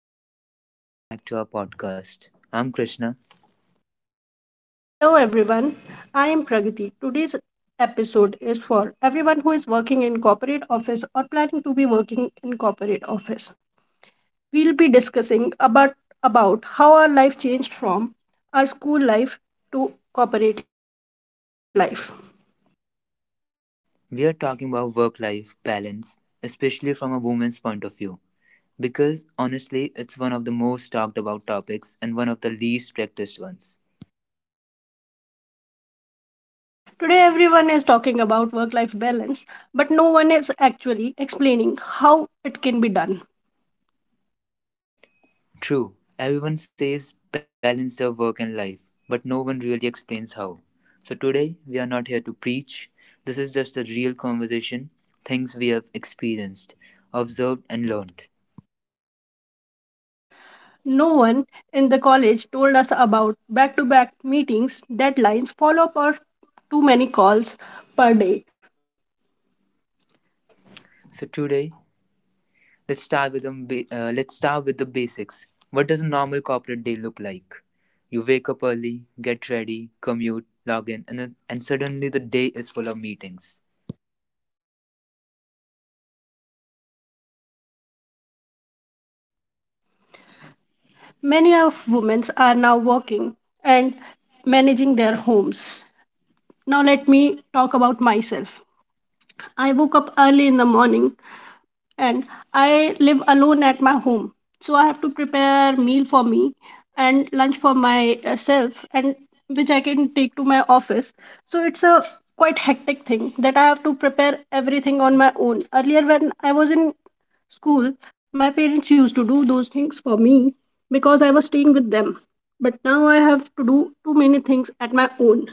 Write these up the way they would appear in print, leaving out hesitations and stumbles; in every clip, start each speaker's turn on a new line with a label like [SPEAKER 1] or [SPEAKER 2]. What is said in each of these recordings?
[SPEAKER 1] everyone. Welcome back to our podcast. I'm Krishna.
[SPEAKER 2] And hello everyone, I am Pragati. Today's episode is for everyone who is working in corporate office or planning to be working in corporate office. We'll be discussing about how our life changed from our school life to corporate life.
[SPEAKER 1] We are talking about work life balance, especially from a woman's point of view, because honestly, it's one of the most talked about topics and one of the least practiced ones.
[SPEAKER 2] Today everyone is talking about work life balance, but no one is actually explaining how it can be done.
[SPEAKER 1] True, everyone says balance their work and life, but no one really explains how. So, today, we are not here to preach. This is just a real conversation, things we have experienced, observed, and learned.
[SPEAKER 2] No one in the college told us about back to back meetings, deadlines, follow up, or too many calls per day.
[SPEAKER 1] So, today, let's start with the basics. What does a normal corporate day look like? You wake up early, get ready, commute, log in, and suddenly the day is full of meetings.
[SPEAKER 2] Many of women are now working and managing their homes. Now, let me talk about myself. I woke up early in the morning and I live alone at my home. So I have to prepare meal for me and lunch for myself and which I can take to my office. So it's a quite hectic thing that I have to prepare everything on my own. Earlier when I was in school, my parents used to do those things for me because I was staying with them. But now I have to do too many things at my own.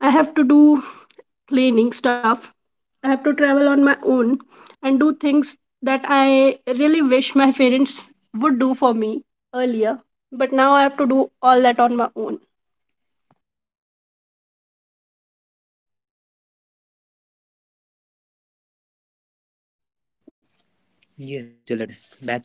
[SPEAKER 2] I have to do cleaning stuff. I have to travel on my own and do things that I really wish my parents would do for me earlier. But now I have to do all that on my own.
[SPEAKER 1] Yes, back-to-back meetings, deadlines, follow-up calls, and even when the workday officially ends, mentally you are still at work.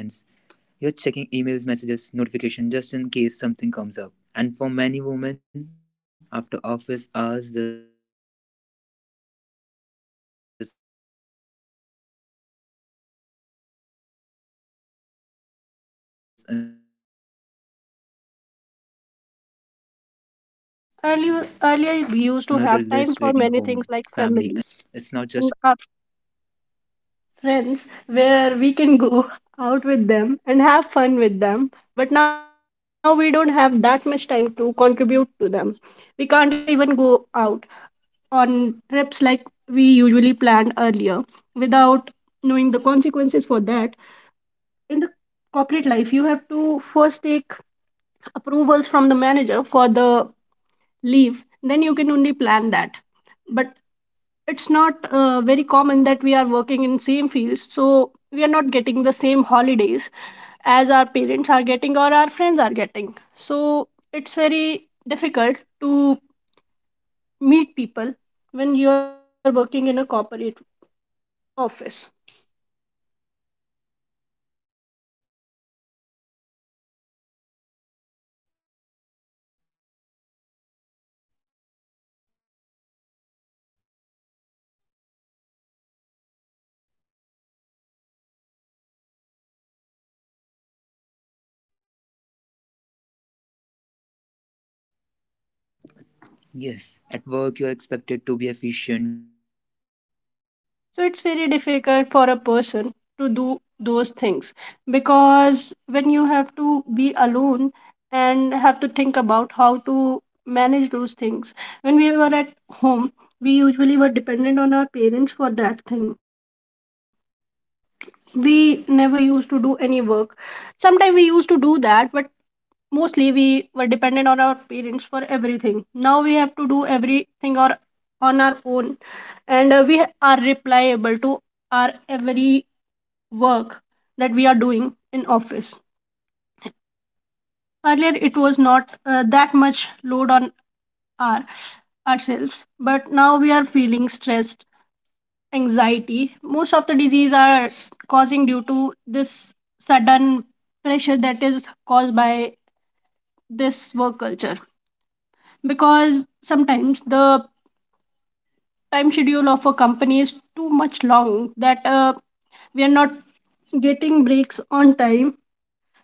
[SPEAKER 1] You're checking emails, messages, notifications just in case something comes up. And for many women, after office hours, there's another list waiting home, family, and responsibilities. So when we talk about work-life balance, it's not just about time. It's also about energy.
[SPEAKER 2] Earlier we used to have time for many things like family and our friends, where we can go out with them and have fun with them. But now we don't have that much time to contribute to them. We can't even go out on trips like we usually planned earlier without knowing the consequences for that. In the corporate life, you have to first take approvals from the manager for the leave, then you can only plan that. But it's not very common that we are working in same fields, so we are not getting the same holidays as our parents are getting or our friends are getting. So it's very difficult to meet people when you are working in a corporate office.
[SPEAKER 1] Yes, at work you're expected to be efficient, confident, available and committed. And sometimes availability is mistaken for dedication. Staying late becomes normal and leaving on times feel like you are doing something wrong. Then there are expectations outside work. Family expectations, social expectations and personal expectations.
[SPEAKER 2] So it's very difficult for a person to do those things because when you have to be alone and have to think about how to manage those things. When we were at home, we usually were dependent on our parents for that thing. We never used to do any work. Sometimes we used to do that, but mostly we were dependent on our parents for everything. Now we have to do everything or on our own, and we are replicable to our every work that we are doing in office. Earlier it was not that much load on our ourselves, but now we are feeling stressed, anxiety, most of the disease are causing due to this sudden pressure that is caused by this work culture, because sometimes the time schedule of a company is too much long that we are not getting breaks on time,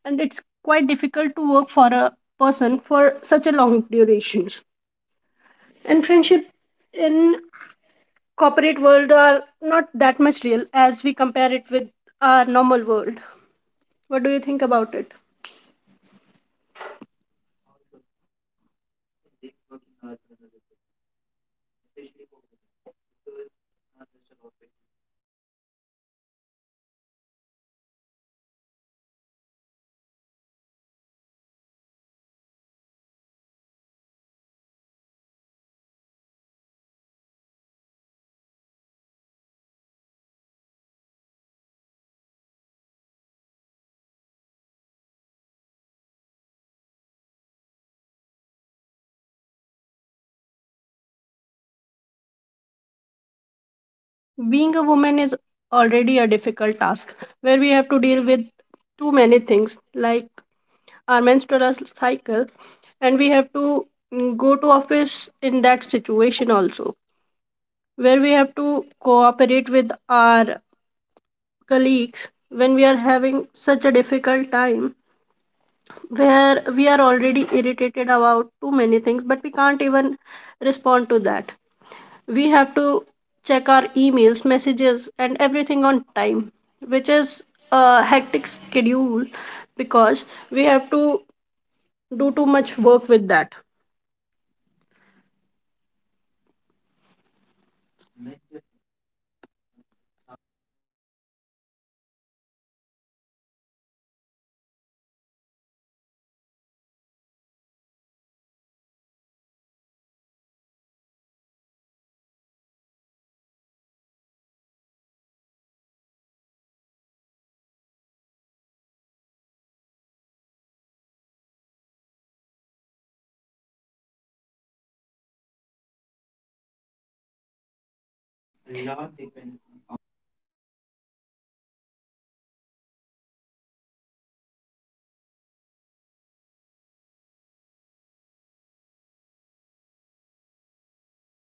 [SPEAKER 2] and it's quite difficult to work for a person for such a long durations. And friendship in corporate world are not that much real as we compare it with our normal world. What do you think about it?
[SPEAKER 1] Also, you know, late working hours are another big issues, especially for women, because it's not just about fatigue, but also safety. Traveling late, managing exhaustion, and still showing up fresh the next day. Over time, this leads to burnout. Burnout that doesn't happen suddenly, it builds slowly. You start feeling tired all the time, irritated, emotionally drained. And many women ignore these signs, thinking it's just a part of corporate life.
[SPEAKER 2] Being a woman is already a difficult task, where we have to deal with too many things like our menstrual cycle, and we have to go to office in that situation also, where we have to cooperate with our colleagues when we are having such a difficult time, where we are already irritated about too many things, but we can't even respond to that. We have to check our emails, messages and everything on time, which is a hectic schedule, because we have to do too much work with that.
[SPEAKER 1] Mental health. Okay, so talk about mental health. Mental health is still not talked about enough in corporate spaces. There's this unspoken pressure to always be strong and capable. Taking a break can feel like weakness. Or you worry, will this affect my growth? Will I be judged? But mental health is not optional. If you're not okay mentally, productivity eventually suffers. A lot depends on office culture. A supportive manager can completely change your work experience, and also flexible hours, work from home options, understand leadership, these really helps.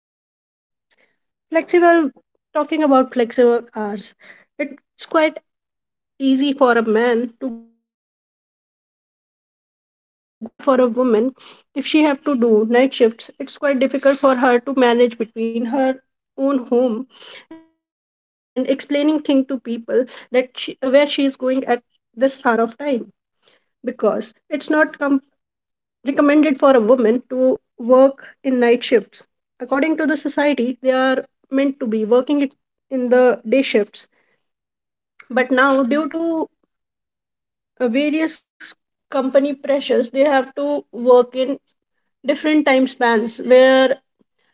[SPEAKER 2] Flexible, talking about flexible hours, it's quite easy for a man to go out and work at every time, but it's quite difficult for a woman if she have to do night shifts. It's quite difficult for her to manage between her own home and explaining thing to people that where she is going at this hour of time, because it's not com- recommended for a woman to work in night shifts. According to the society, they are meant to be in the day shifts. But now, due to various company pressures, they have to work in different time spans, where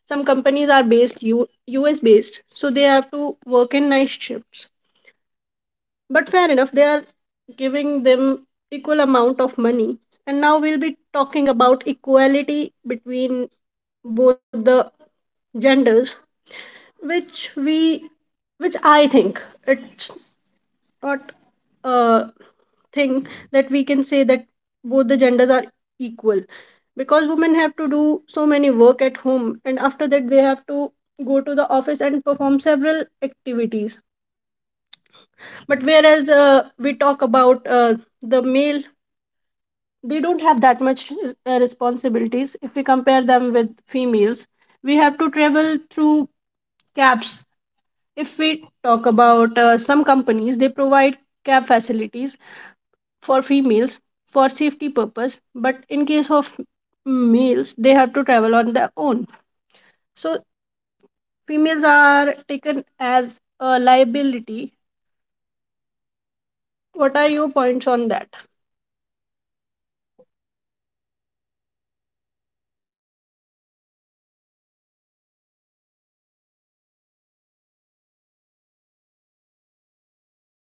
[SPEAKER 2] some companies are US based, so they have to work in night shifts. But fair enough, they are giving them equal amount of money. And now we'll be talking about equality between both the genders, which we which I think it's not a thing that we can say that both the genders are equal, because women have to do so many work at home, and after that they have to go to the office and perform several activities. But whereas we talk about the male, they don't have that much responsibilities if we compare them with females. We have to travel through cabs. If we talk about some companies, they provide cab facilities for females for safety purpose, but in case of males they have to travel on their own. So females are taken as a liability. What are your points on that?
[SPEAKER 1] Absolutely. Also, we should talk about what actually helps, practical things.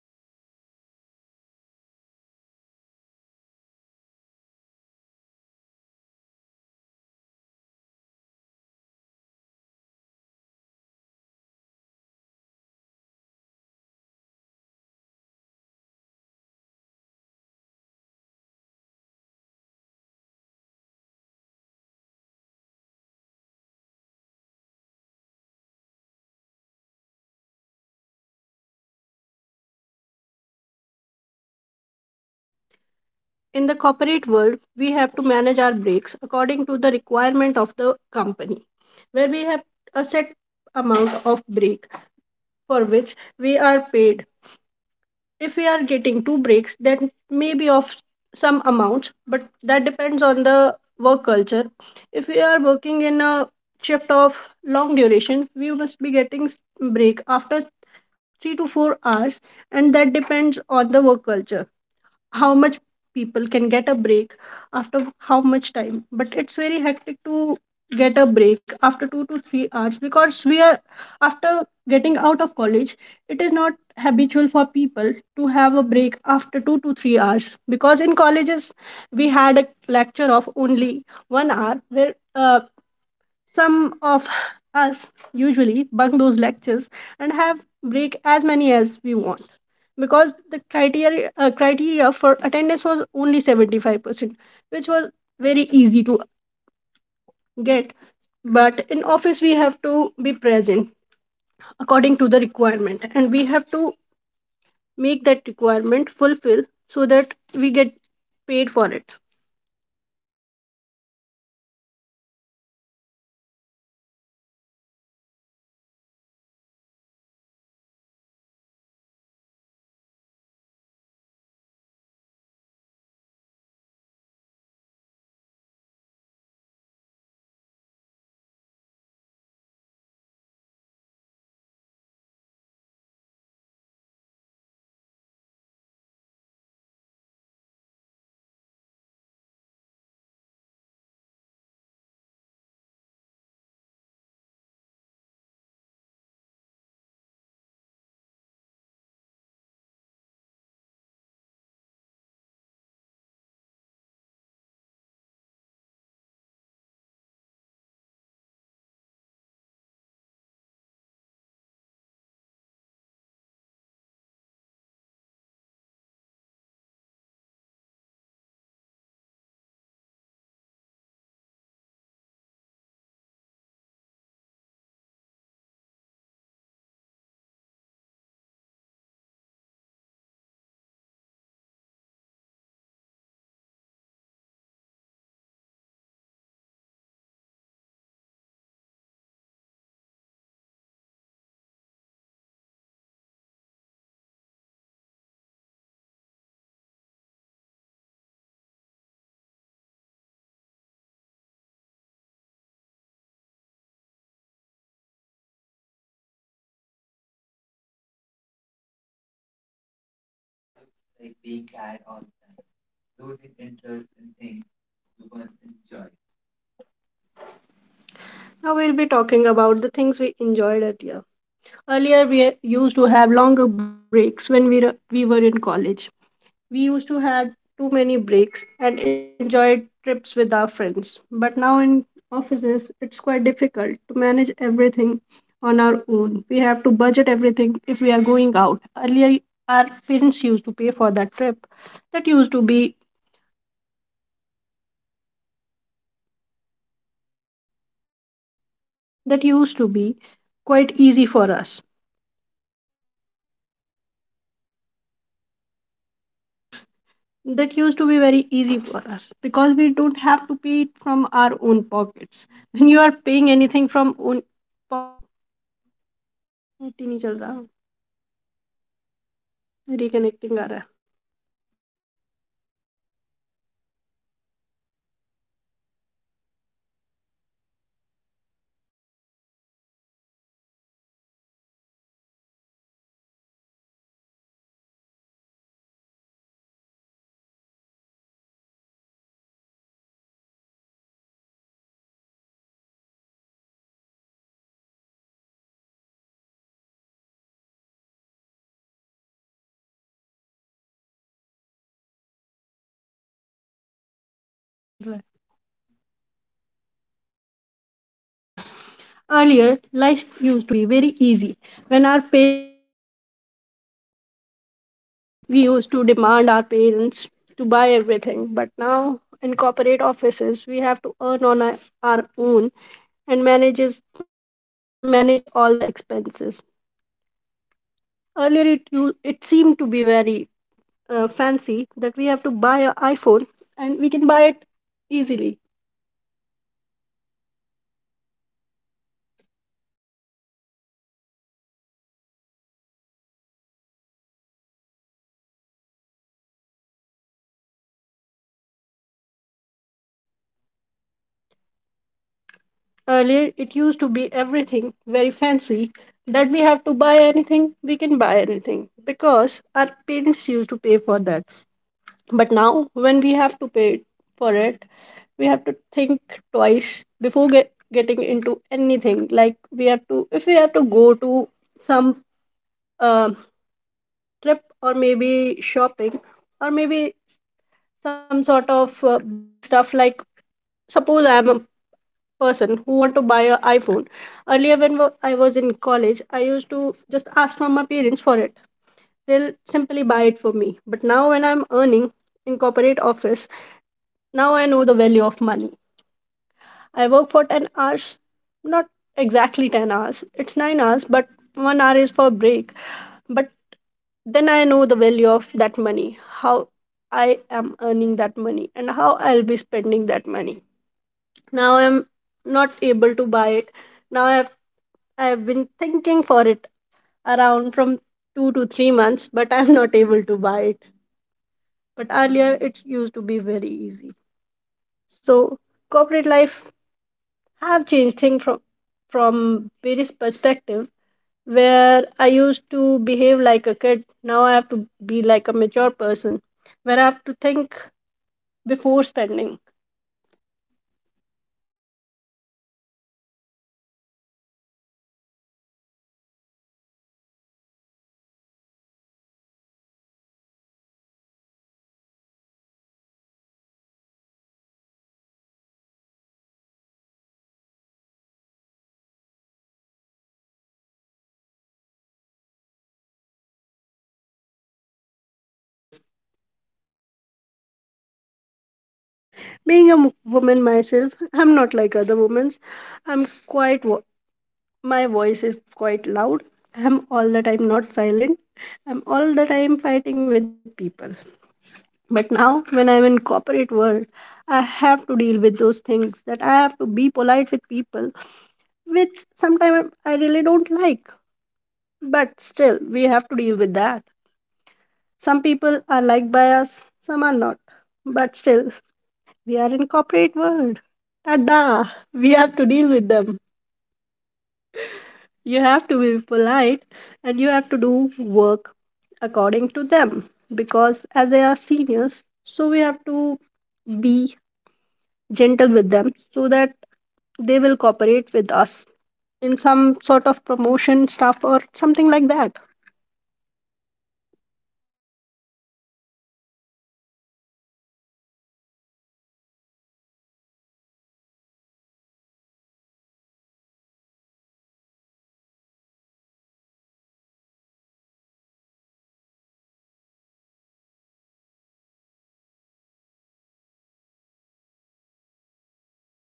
[SPEAKER 1] First, boundaries, even small ones matter, logging off on time, not responding instantly to every message. Second, learning to say no without over explaining. Saying no doesn't mean you are not hardworking. Third, stop comparing your journey with others, especially on social media. Everyone shows highlights, not reality. Also, schedule personal time like your schedule meetings. And remember, rest is productive.
[SPEAKER 2] In the corporate world, we have to manage our breaks according to the requirement of the company, where we have a set amount of break for which we are paid. If we are getting two breaks, that may be of some amounts, but that depends on the work culture. If we are working in a shift of long duration, we must be break after 3 to 4 hours, and that depends on the work culture how much people can get a break after how much time. But it's very hectic to get a break after 2 to 3 hours, because we are after getting out of college. It is not habitual for people to have a break after 2 to 3 hours, because in colleges we had a lecture of only 1 hour, where some of us usually bunk those lectures and have break as many as we want, because the criteria for attendance was only 75%, which was very easy to get. But in office we have to be present according to the requirement, and we have to make that requirement fulfill, so that we get paid for it.
[SPEAKER 1] Now, let's talk about things that actually help. Nothing unrealistic, the small, doable changes. First, setting up boundaries. You don't have to be available 24 by 7 to be good at your job. Second, learning to say no, politely but firmly. You don't owe long explanation for protecting your time. Third, stop comparing your journey with others, especially on social media, where everyone looks perfectly balanced. Fourth, schedule personal time like meeting, because if you don't schedule rest, work will fill that space. And finally, ask for help when you need it. At work or at home, doing everything alone is not strength. Work life balance doesn't mean everything is perfectly managed. It means making conscious choices. Some days work will take priority, other days your personal life will, and that's okay. To every woman listening, your ambition is valid, and so is a need for rest and peace. You are allowed to grow without burning out. Also, I want to talk about something. Office culture plays a hu- plays a huge role in work-life balance. You know, a supportive manager can make a massive difference. Someone someone who respects boundaries and understands personal priorities. Also, burnout doesn't always look dramatic. Sometimes it looks like being tired all the time, losing interest in things you once enjoyed.
[SPEAKER 2] Now we'll be talking about the things we enjoyed earlier. Earlier we used to have longer breaks when we were in college. We used to had too many breaks and enjoyed trips with our friends. But now in offices, it's quite difficult to manage everything on our own. We have to budget everything if we are going out. Earlier, our parents used to pay for that trip. That used to be that used to be quite easy for us. That used to be very easy for us because we don't have to pay it from our own pockets. When you are paying anything from own pocket, नहीं चल रहा, reconnecting आ रहा है। When net नहीं चल रहा, internet is not working, reconnecting चल रहा है। ये शायद अयूब का नेट नहीं चल रहा है। आगे, earlier life use to be very easy when our parents use to pay for everything, for every small thing we use to demand our parents to buy everything, but now in corporate offices we have to earn on our own and manage all the expenses. Earlier it you, it seemed to be very fancy that we have to buy an iPhone and we can buy it easily.
[SPEAKER 1] Okay, so one thing,
[SPEAKER 2] Earlier, it used to be everything very fancy that we have to buy anything, we can buy anything because our parents used to pay for that. But now, when we have to pay for it, we have to think twice before getting into anything. Like, we have to, if we have to go to some um trip or maybe shopping, or maybe some sort of buying stuff. Like, suppose I am a person who want to buy an iPhone. Earlier, I was in college, I used to just ask from my parents for it. They'll simply buy it for me. But now, when I'm earning in corporate office, now I know the value of money. I work for 10 hours. Not exactly 10 hours, it's 9 hours, but 1 hour is for break. But then I know the value of that money, how I am earning that money and how I'll be spending that money. Now I'm not able to buy it. Now I've been thinking for it around from 2 to 3 months, but I'm not able to buy it. But earlier it used to be very easy. So corporate life have changed things from various perspective, where I used to behave like a kid. Now I have to be like a mature person, where I have to think before spending.
[SPEAKER 1] of course. Also, one thing really talked about is emotional labor. You know, managing emotions, handling team dynamics, being polite, even under pressure. Women are often expected to be understanding, supportive, and calm, even when they are exhausted. That emotional effort drains energy just like physical work, and yet it's never acknowledged as work.
[SPEAKER 2] being a m- woman myself, I'm not like other women's. i'm quite wo- My voice is quite loud. I'm all the time not silent. I'm all the time fighting with people. But now when I'm in corporate world, I have to deal with those things, that I have to be polite with people, which sometimes I really don't like. But still, we have to deal with that. Some people are liked by us, some are not. But still, we are in corporate world. Tada! We have to deal with them. You have to be polite and you have to do work according to them, because as they are seniors, so we have to be gentle with them, so that they will cooperate with us in some sort of promotion stuff or something like that.
[SPEAKER 1] Yeah, okay. Also, we should talk about guilt. You know what's guilt? Working women live with constant guilt. Guilt for staying late, guilt for leaving early, guilt for taking breaks, even guilt for enjoying success. Also, guilt for not buying an iPhone.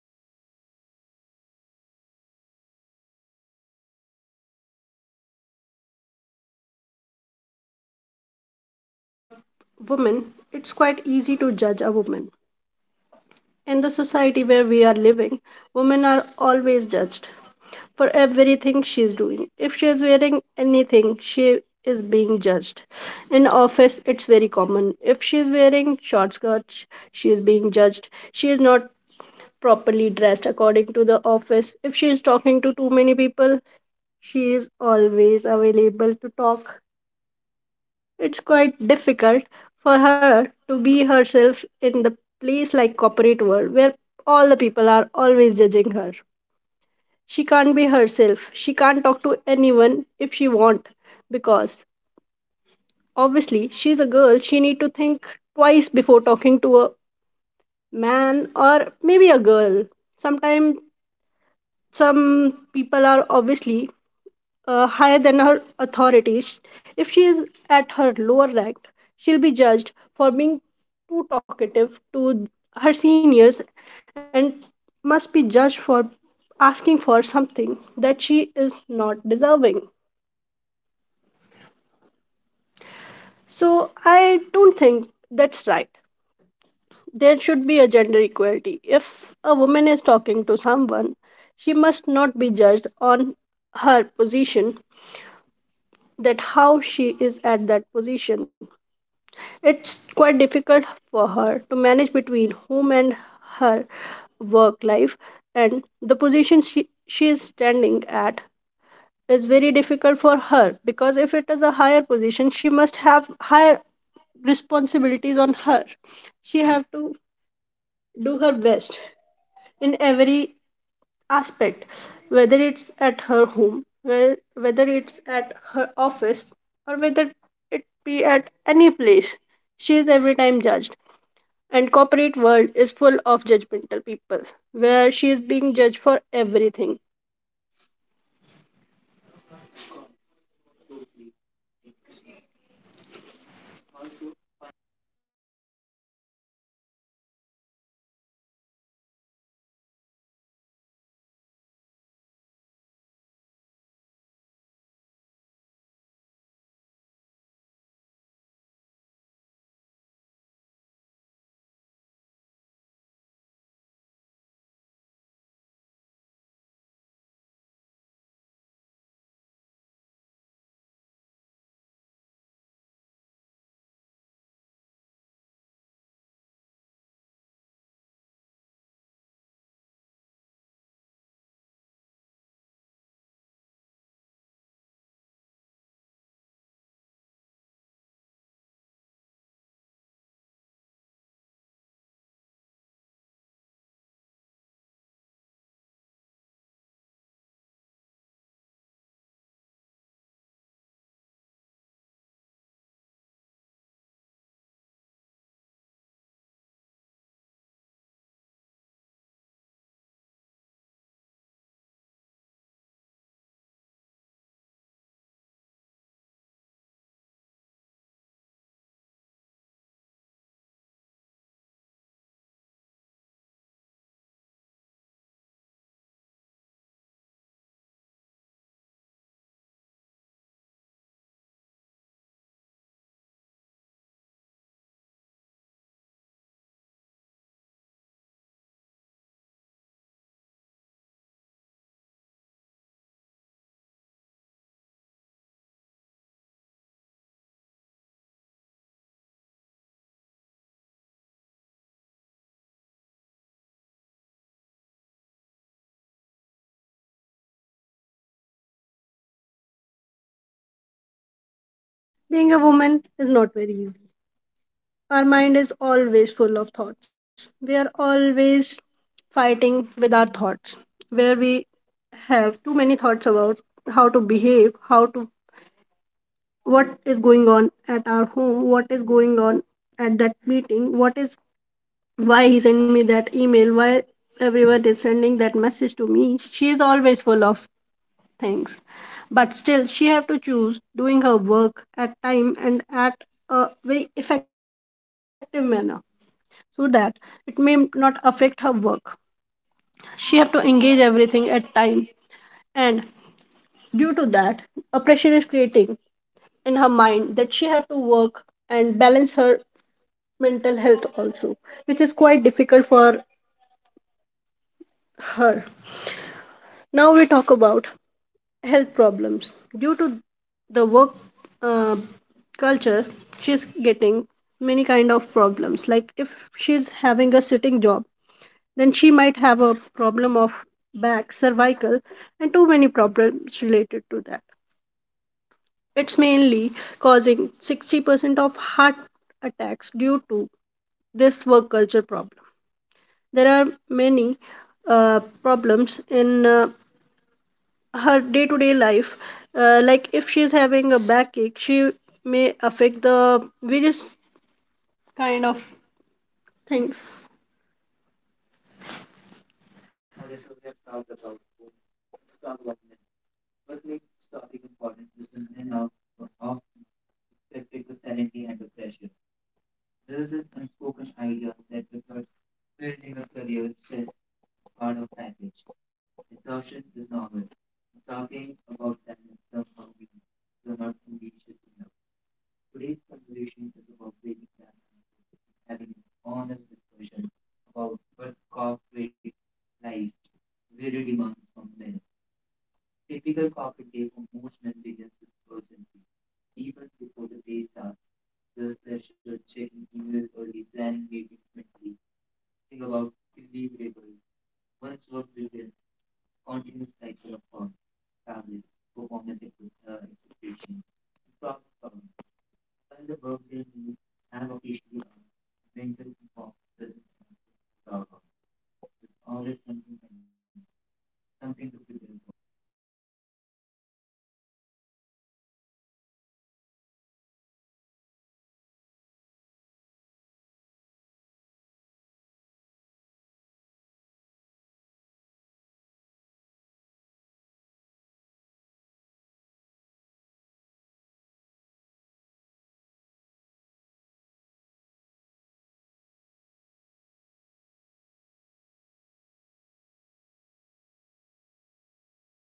[SPEAKER 1] And slowly that guilt turns into self doubt. You start questioning your choices instead of questioning the system.
[SPEAKER 2] If we talk about women, it's quite easy to judge a woman. In the society where we are living, women are always judged, for everything she's doing. If she is wearing anything, she is being judged. In office, it's very common. If she is wearing short skirts, she is being judged. She is not properly dressed according to the office. If she is talking to too many people, she is always available to talk. It's quite difficult for her to be herself in the place like corporate world, where all the people are always judging her. She can't be herself, she can't talk to anyone if she want, because obviously she's a girl, she need to think twice before talking to a man or maybe a girl. Sometimes some people are obviously higher than her authorities. If she is at her lower rank, she'll be judged for being too talkative to her seniors, and must be judged for asking for something that she is not deserving. So I don't think that's right. There should be a gender equality. If a woman is talking to someone, she must not be judged on her position, that how she is at that position. It's quite difficult for her to manage between home and her work life, and the position she is standing at is very difficult for her, because if it is a higher position she must have higher responsibilities on her. She have to do her best in every aspect, whether it's at her home, whether it's at her office, or whether it be at any place, she is every time judged. And corporate world is full of judgmental people, where she is being judged for everything.
[SPEAKER 1] Of course, I totally agree. Also, finding balance doesn't mean completely changing your life overnight. You know, often it starts with small, intentional choices, like setting realistic boundaries, allowing yourself to log off without guilt, and recognizing that rest is not something you need to earn. Balance is deeply personal, and what works for one person may not work for another. The key is to stay aware of your limits and respect them. It's also important to let go of constant comparison, especially in a time where social media often presents a very polished version of success and balance. Everyone's journey is different, and balance will look different at various stages of life. What matters most is creating a routine that supports both your professional goals and your personal well being without feeling like one has to suffer for the other. Work life balance is not about perfection or control, it's about awareness, intention, and self respect. Some days will be work heavy and other days will require more personal space, and both are valid. As women, we are allowed to be ambitious without being exhausted all the time. And also, if you really think about a typical corporate day, it really begins and ends with office hours. The day often starts the moment we check our phones in the morning, even before we are fully awake. Emails, messages, meeting reminders, they immediately set the tone for the day. By the time we log in, our minds are already running ahead, planning tasks, worrying about deadlines, and preparing for conversation. And what's important to acknowledge here is that this mental engagement doesn't switch off just because the workdays end.
[SPEAKER 2] Being a woman is not very easy. Our mind is always full of thoughts. We are always fighting with our thoughts, where we have too many thoughts about how to behave, how to, what is going on at our home, what is going on at that meeting, what is, why he sent me that email, why everyone is sending that message to me. She is always full of things, but still she have to choose doing her work at time and at a very effective manner, so that it may not affect her work. She have to engage everything at time, and due to that a pressure is creating in her mind, that she have to work and balance her mental health also, which is quite difficult for her. Now we talk about health problems due to the work uh, culture. She's getting many kind of problems, like if she's having a sitting job, then she might have a problem of back, cervical, and too many problems related to that. It's mainly causing 60% of heart attacks due to this work culture problem. There are many problems in her day to day life. Like if she's having a backache, she may affect the various kind of things.
[SPEAKER 1] Okay, so we have talked about women. Let's talk about men. What makes this topic important is that often expected to silently handle pressure. There is this unspoken idea that if you're building a career, stress is part of package. Exhaustion is normal. And talking about balance somehow means you're not ambitious enough. Today's conversation is about breaking that mindset and having an honest discussion about what corporate life really demands from men. A typical corporate day for most men begins with urgency. Even before the day starts, there's pressure checking emails early, planning meetings mentally, thinking about deliverables. Once work begins, it's a continuous cycle of calls, targets, expectations, and problem solving, and while the workday may have officially hours, the mental environment doesn't end when you log off. There's always something pending, something to prepare for, something that needs attention tomorrow. Also, corporate culture plays a huge role in shaping how men approach balance. Many workplaces still reward visibility over efficiency, being available late, responding instantly, staying connected beyond work hours. This culture reinforces the idea that personal time is secondary and success requires constant sacrifice. Over time, this becomes deeply ingrained.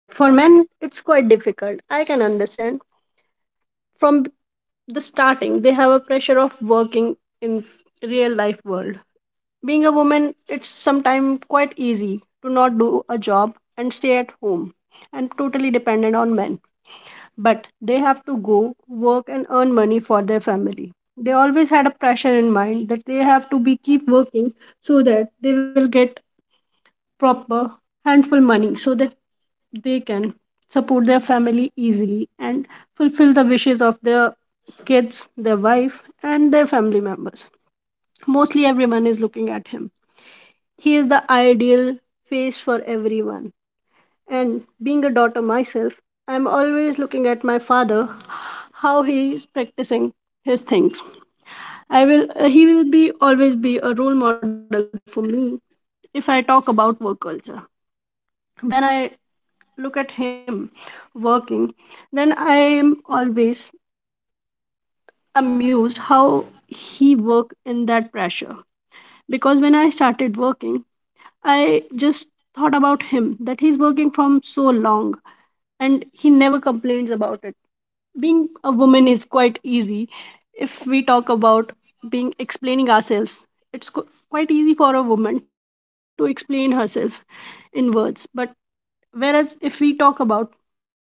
[SPEAKER 2] For men, it's quite difficult. I can understand, from the starting they have a pressure of working in real life world. Being a woman, it's sometimes quite easy to not do a job and stay at home and totally dependent on men. But they have to go work and earn money for their family. They always had a pressure in mind that they have to be keep working, so that they will get proper handful money, so that they can support their family easily and fulfill the wishes of their kids, their wife and their family members. Mostly everyone is looking at him, he is the ideal face for everyone. And being a daughter myself, I'm always looking at my father, how he is practicing his things. I will. He will be always be a role model for me, if I talk about work culture. When I look at him working, then I am always amused how he worked in that pressure. Because when I started working, I just thought about him, that he's working from so long and he never complains about it. Being a woman is quite easy, if we talk about being explaining ourselves. it's qu- quite easy for a woman to explain herself in words, but whereas if we talk about males,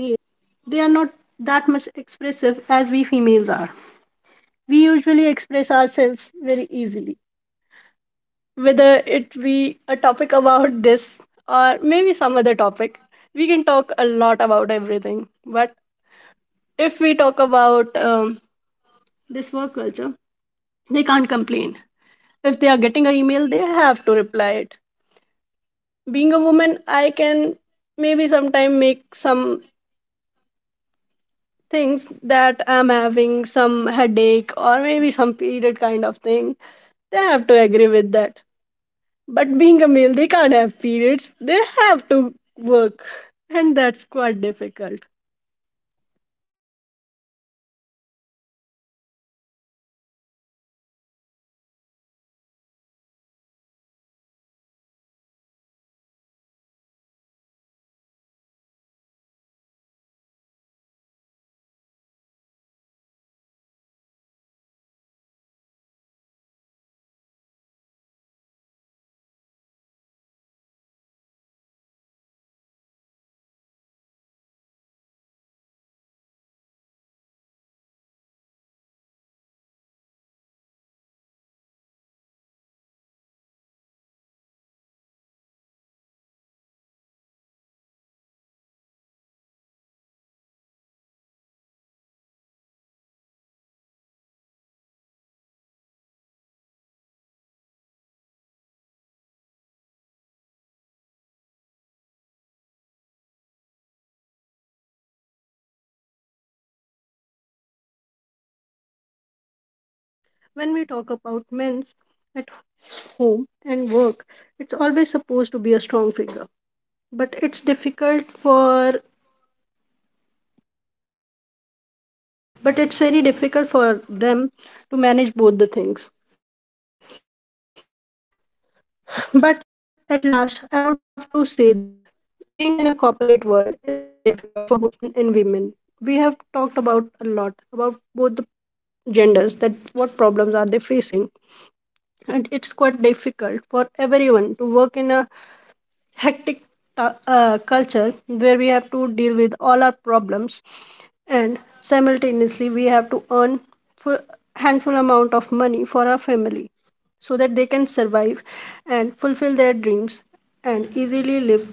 [SPEAKER 2] they are not that much expressive as we females are. We usually express ourselves very easily, whether it be a topic about this or maybe some other topic. We can talk a lot about everything, but if we talk about this work culture, they can't complain. If they are getting an email, they have to reply it. Being a woman, I can maybe sometime make some things that I'm having some headache or maybe some period kind of thing. They have to agree with that. But being a male, they can't have periods. They have to work. And that's quite difficult.
[SPEAKER 1] Hmm. Also, corporate culture plays a significant role in shaping how we view balance. Many workplaces evolve visibility over efficiency, being online late, responding instantly, staying available beyond work hours. Over time, this creates a culture where personal boundaries are blurred and overworking is normalized. The hustle narrative often sounds inspiring, especially early in our careers. It tells us that sacrifice equals success and that pushing harder will always pay off. But what it doesn't talk about is the long term cost, burnout, strained relationship, and loss of personal identity beyond work. Balance becomes difficult not because you don't want it, but because the environment doesn't encourage it. Also, it's about setting boundaries without guilt.
[SPEAKER 2] When we talk about men's at home and work, it's always supposed to be a strong figure. But it's difficult for, but it's very difficult for them to manage both the things. But at last, I would love to say that being in a corporate world is quite difficult for both men and women. We have talked about a lot about both the genders, that what problems are they facing, and it's quite difficult for everyone to work in a hectic culture, where we have to deal with all our problems and simultaneously we have to earn full handful amount of money for our family, so that they can survive and fulfill their dreams and easily live.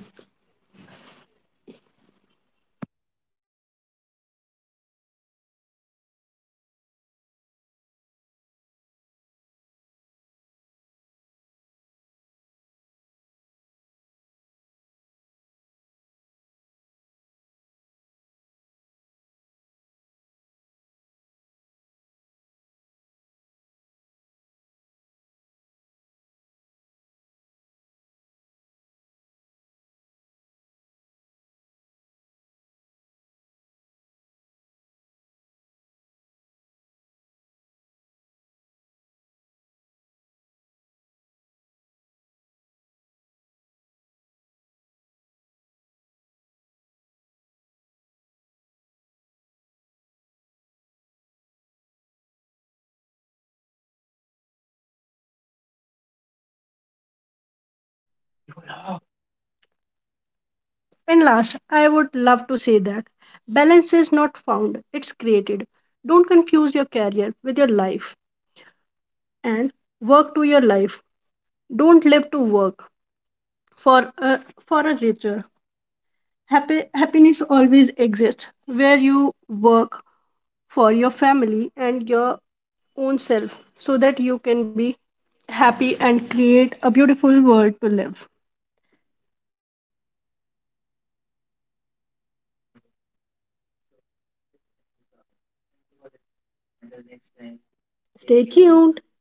[SPEAKER 1] Okay. So, let's just close this topic. You know, work life balance is not something you achieve once and forget about. It's an ongoing process that changes with responsibilities, priorities, and life stages. For men, choosing balance often means unlearning the idea that rest is a reward rather than requirement. To everyone listening, your ambition is valid, but so is the need for peace, health, and meaningful relationship. Success shouldn't cost your well being. Balanced life doesn't make you less driven, it makes your journey sustainable. Last,
[SPEAKER 2] And last, I would love to say that balance is not found, it's created. Don't confuse your career with your life and work to your life. Don't live to work for for a richer. Happiness always exists where you work for your family and your own self, so that you can be happy and create a beautiful world to live.
[SPEAKER 1] okay, so let's end this topic. Thank you for listening. Until next time, take care
[SPEAKER 2] Stay
[SPEAKER 1] of
[SPEAKER 2] tuned.
[SPEAKER 1] yourself.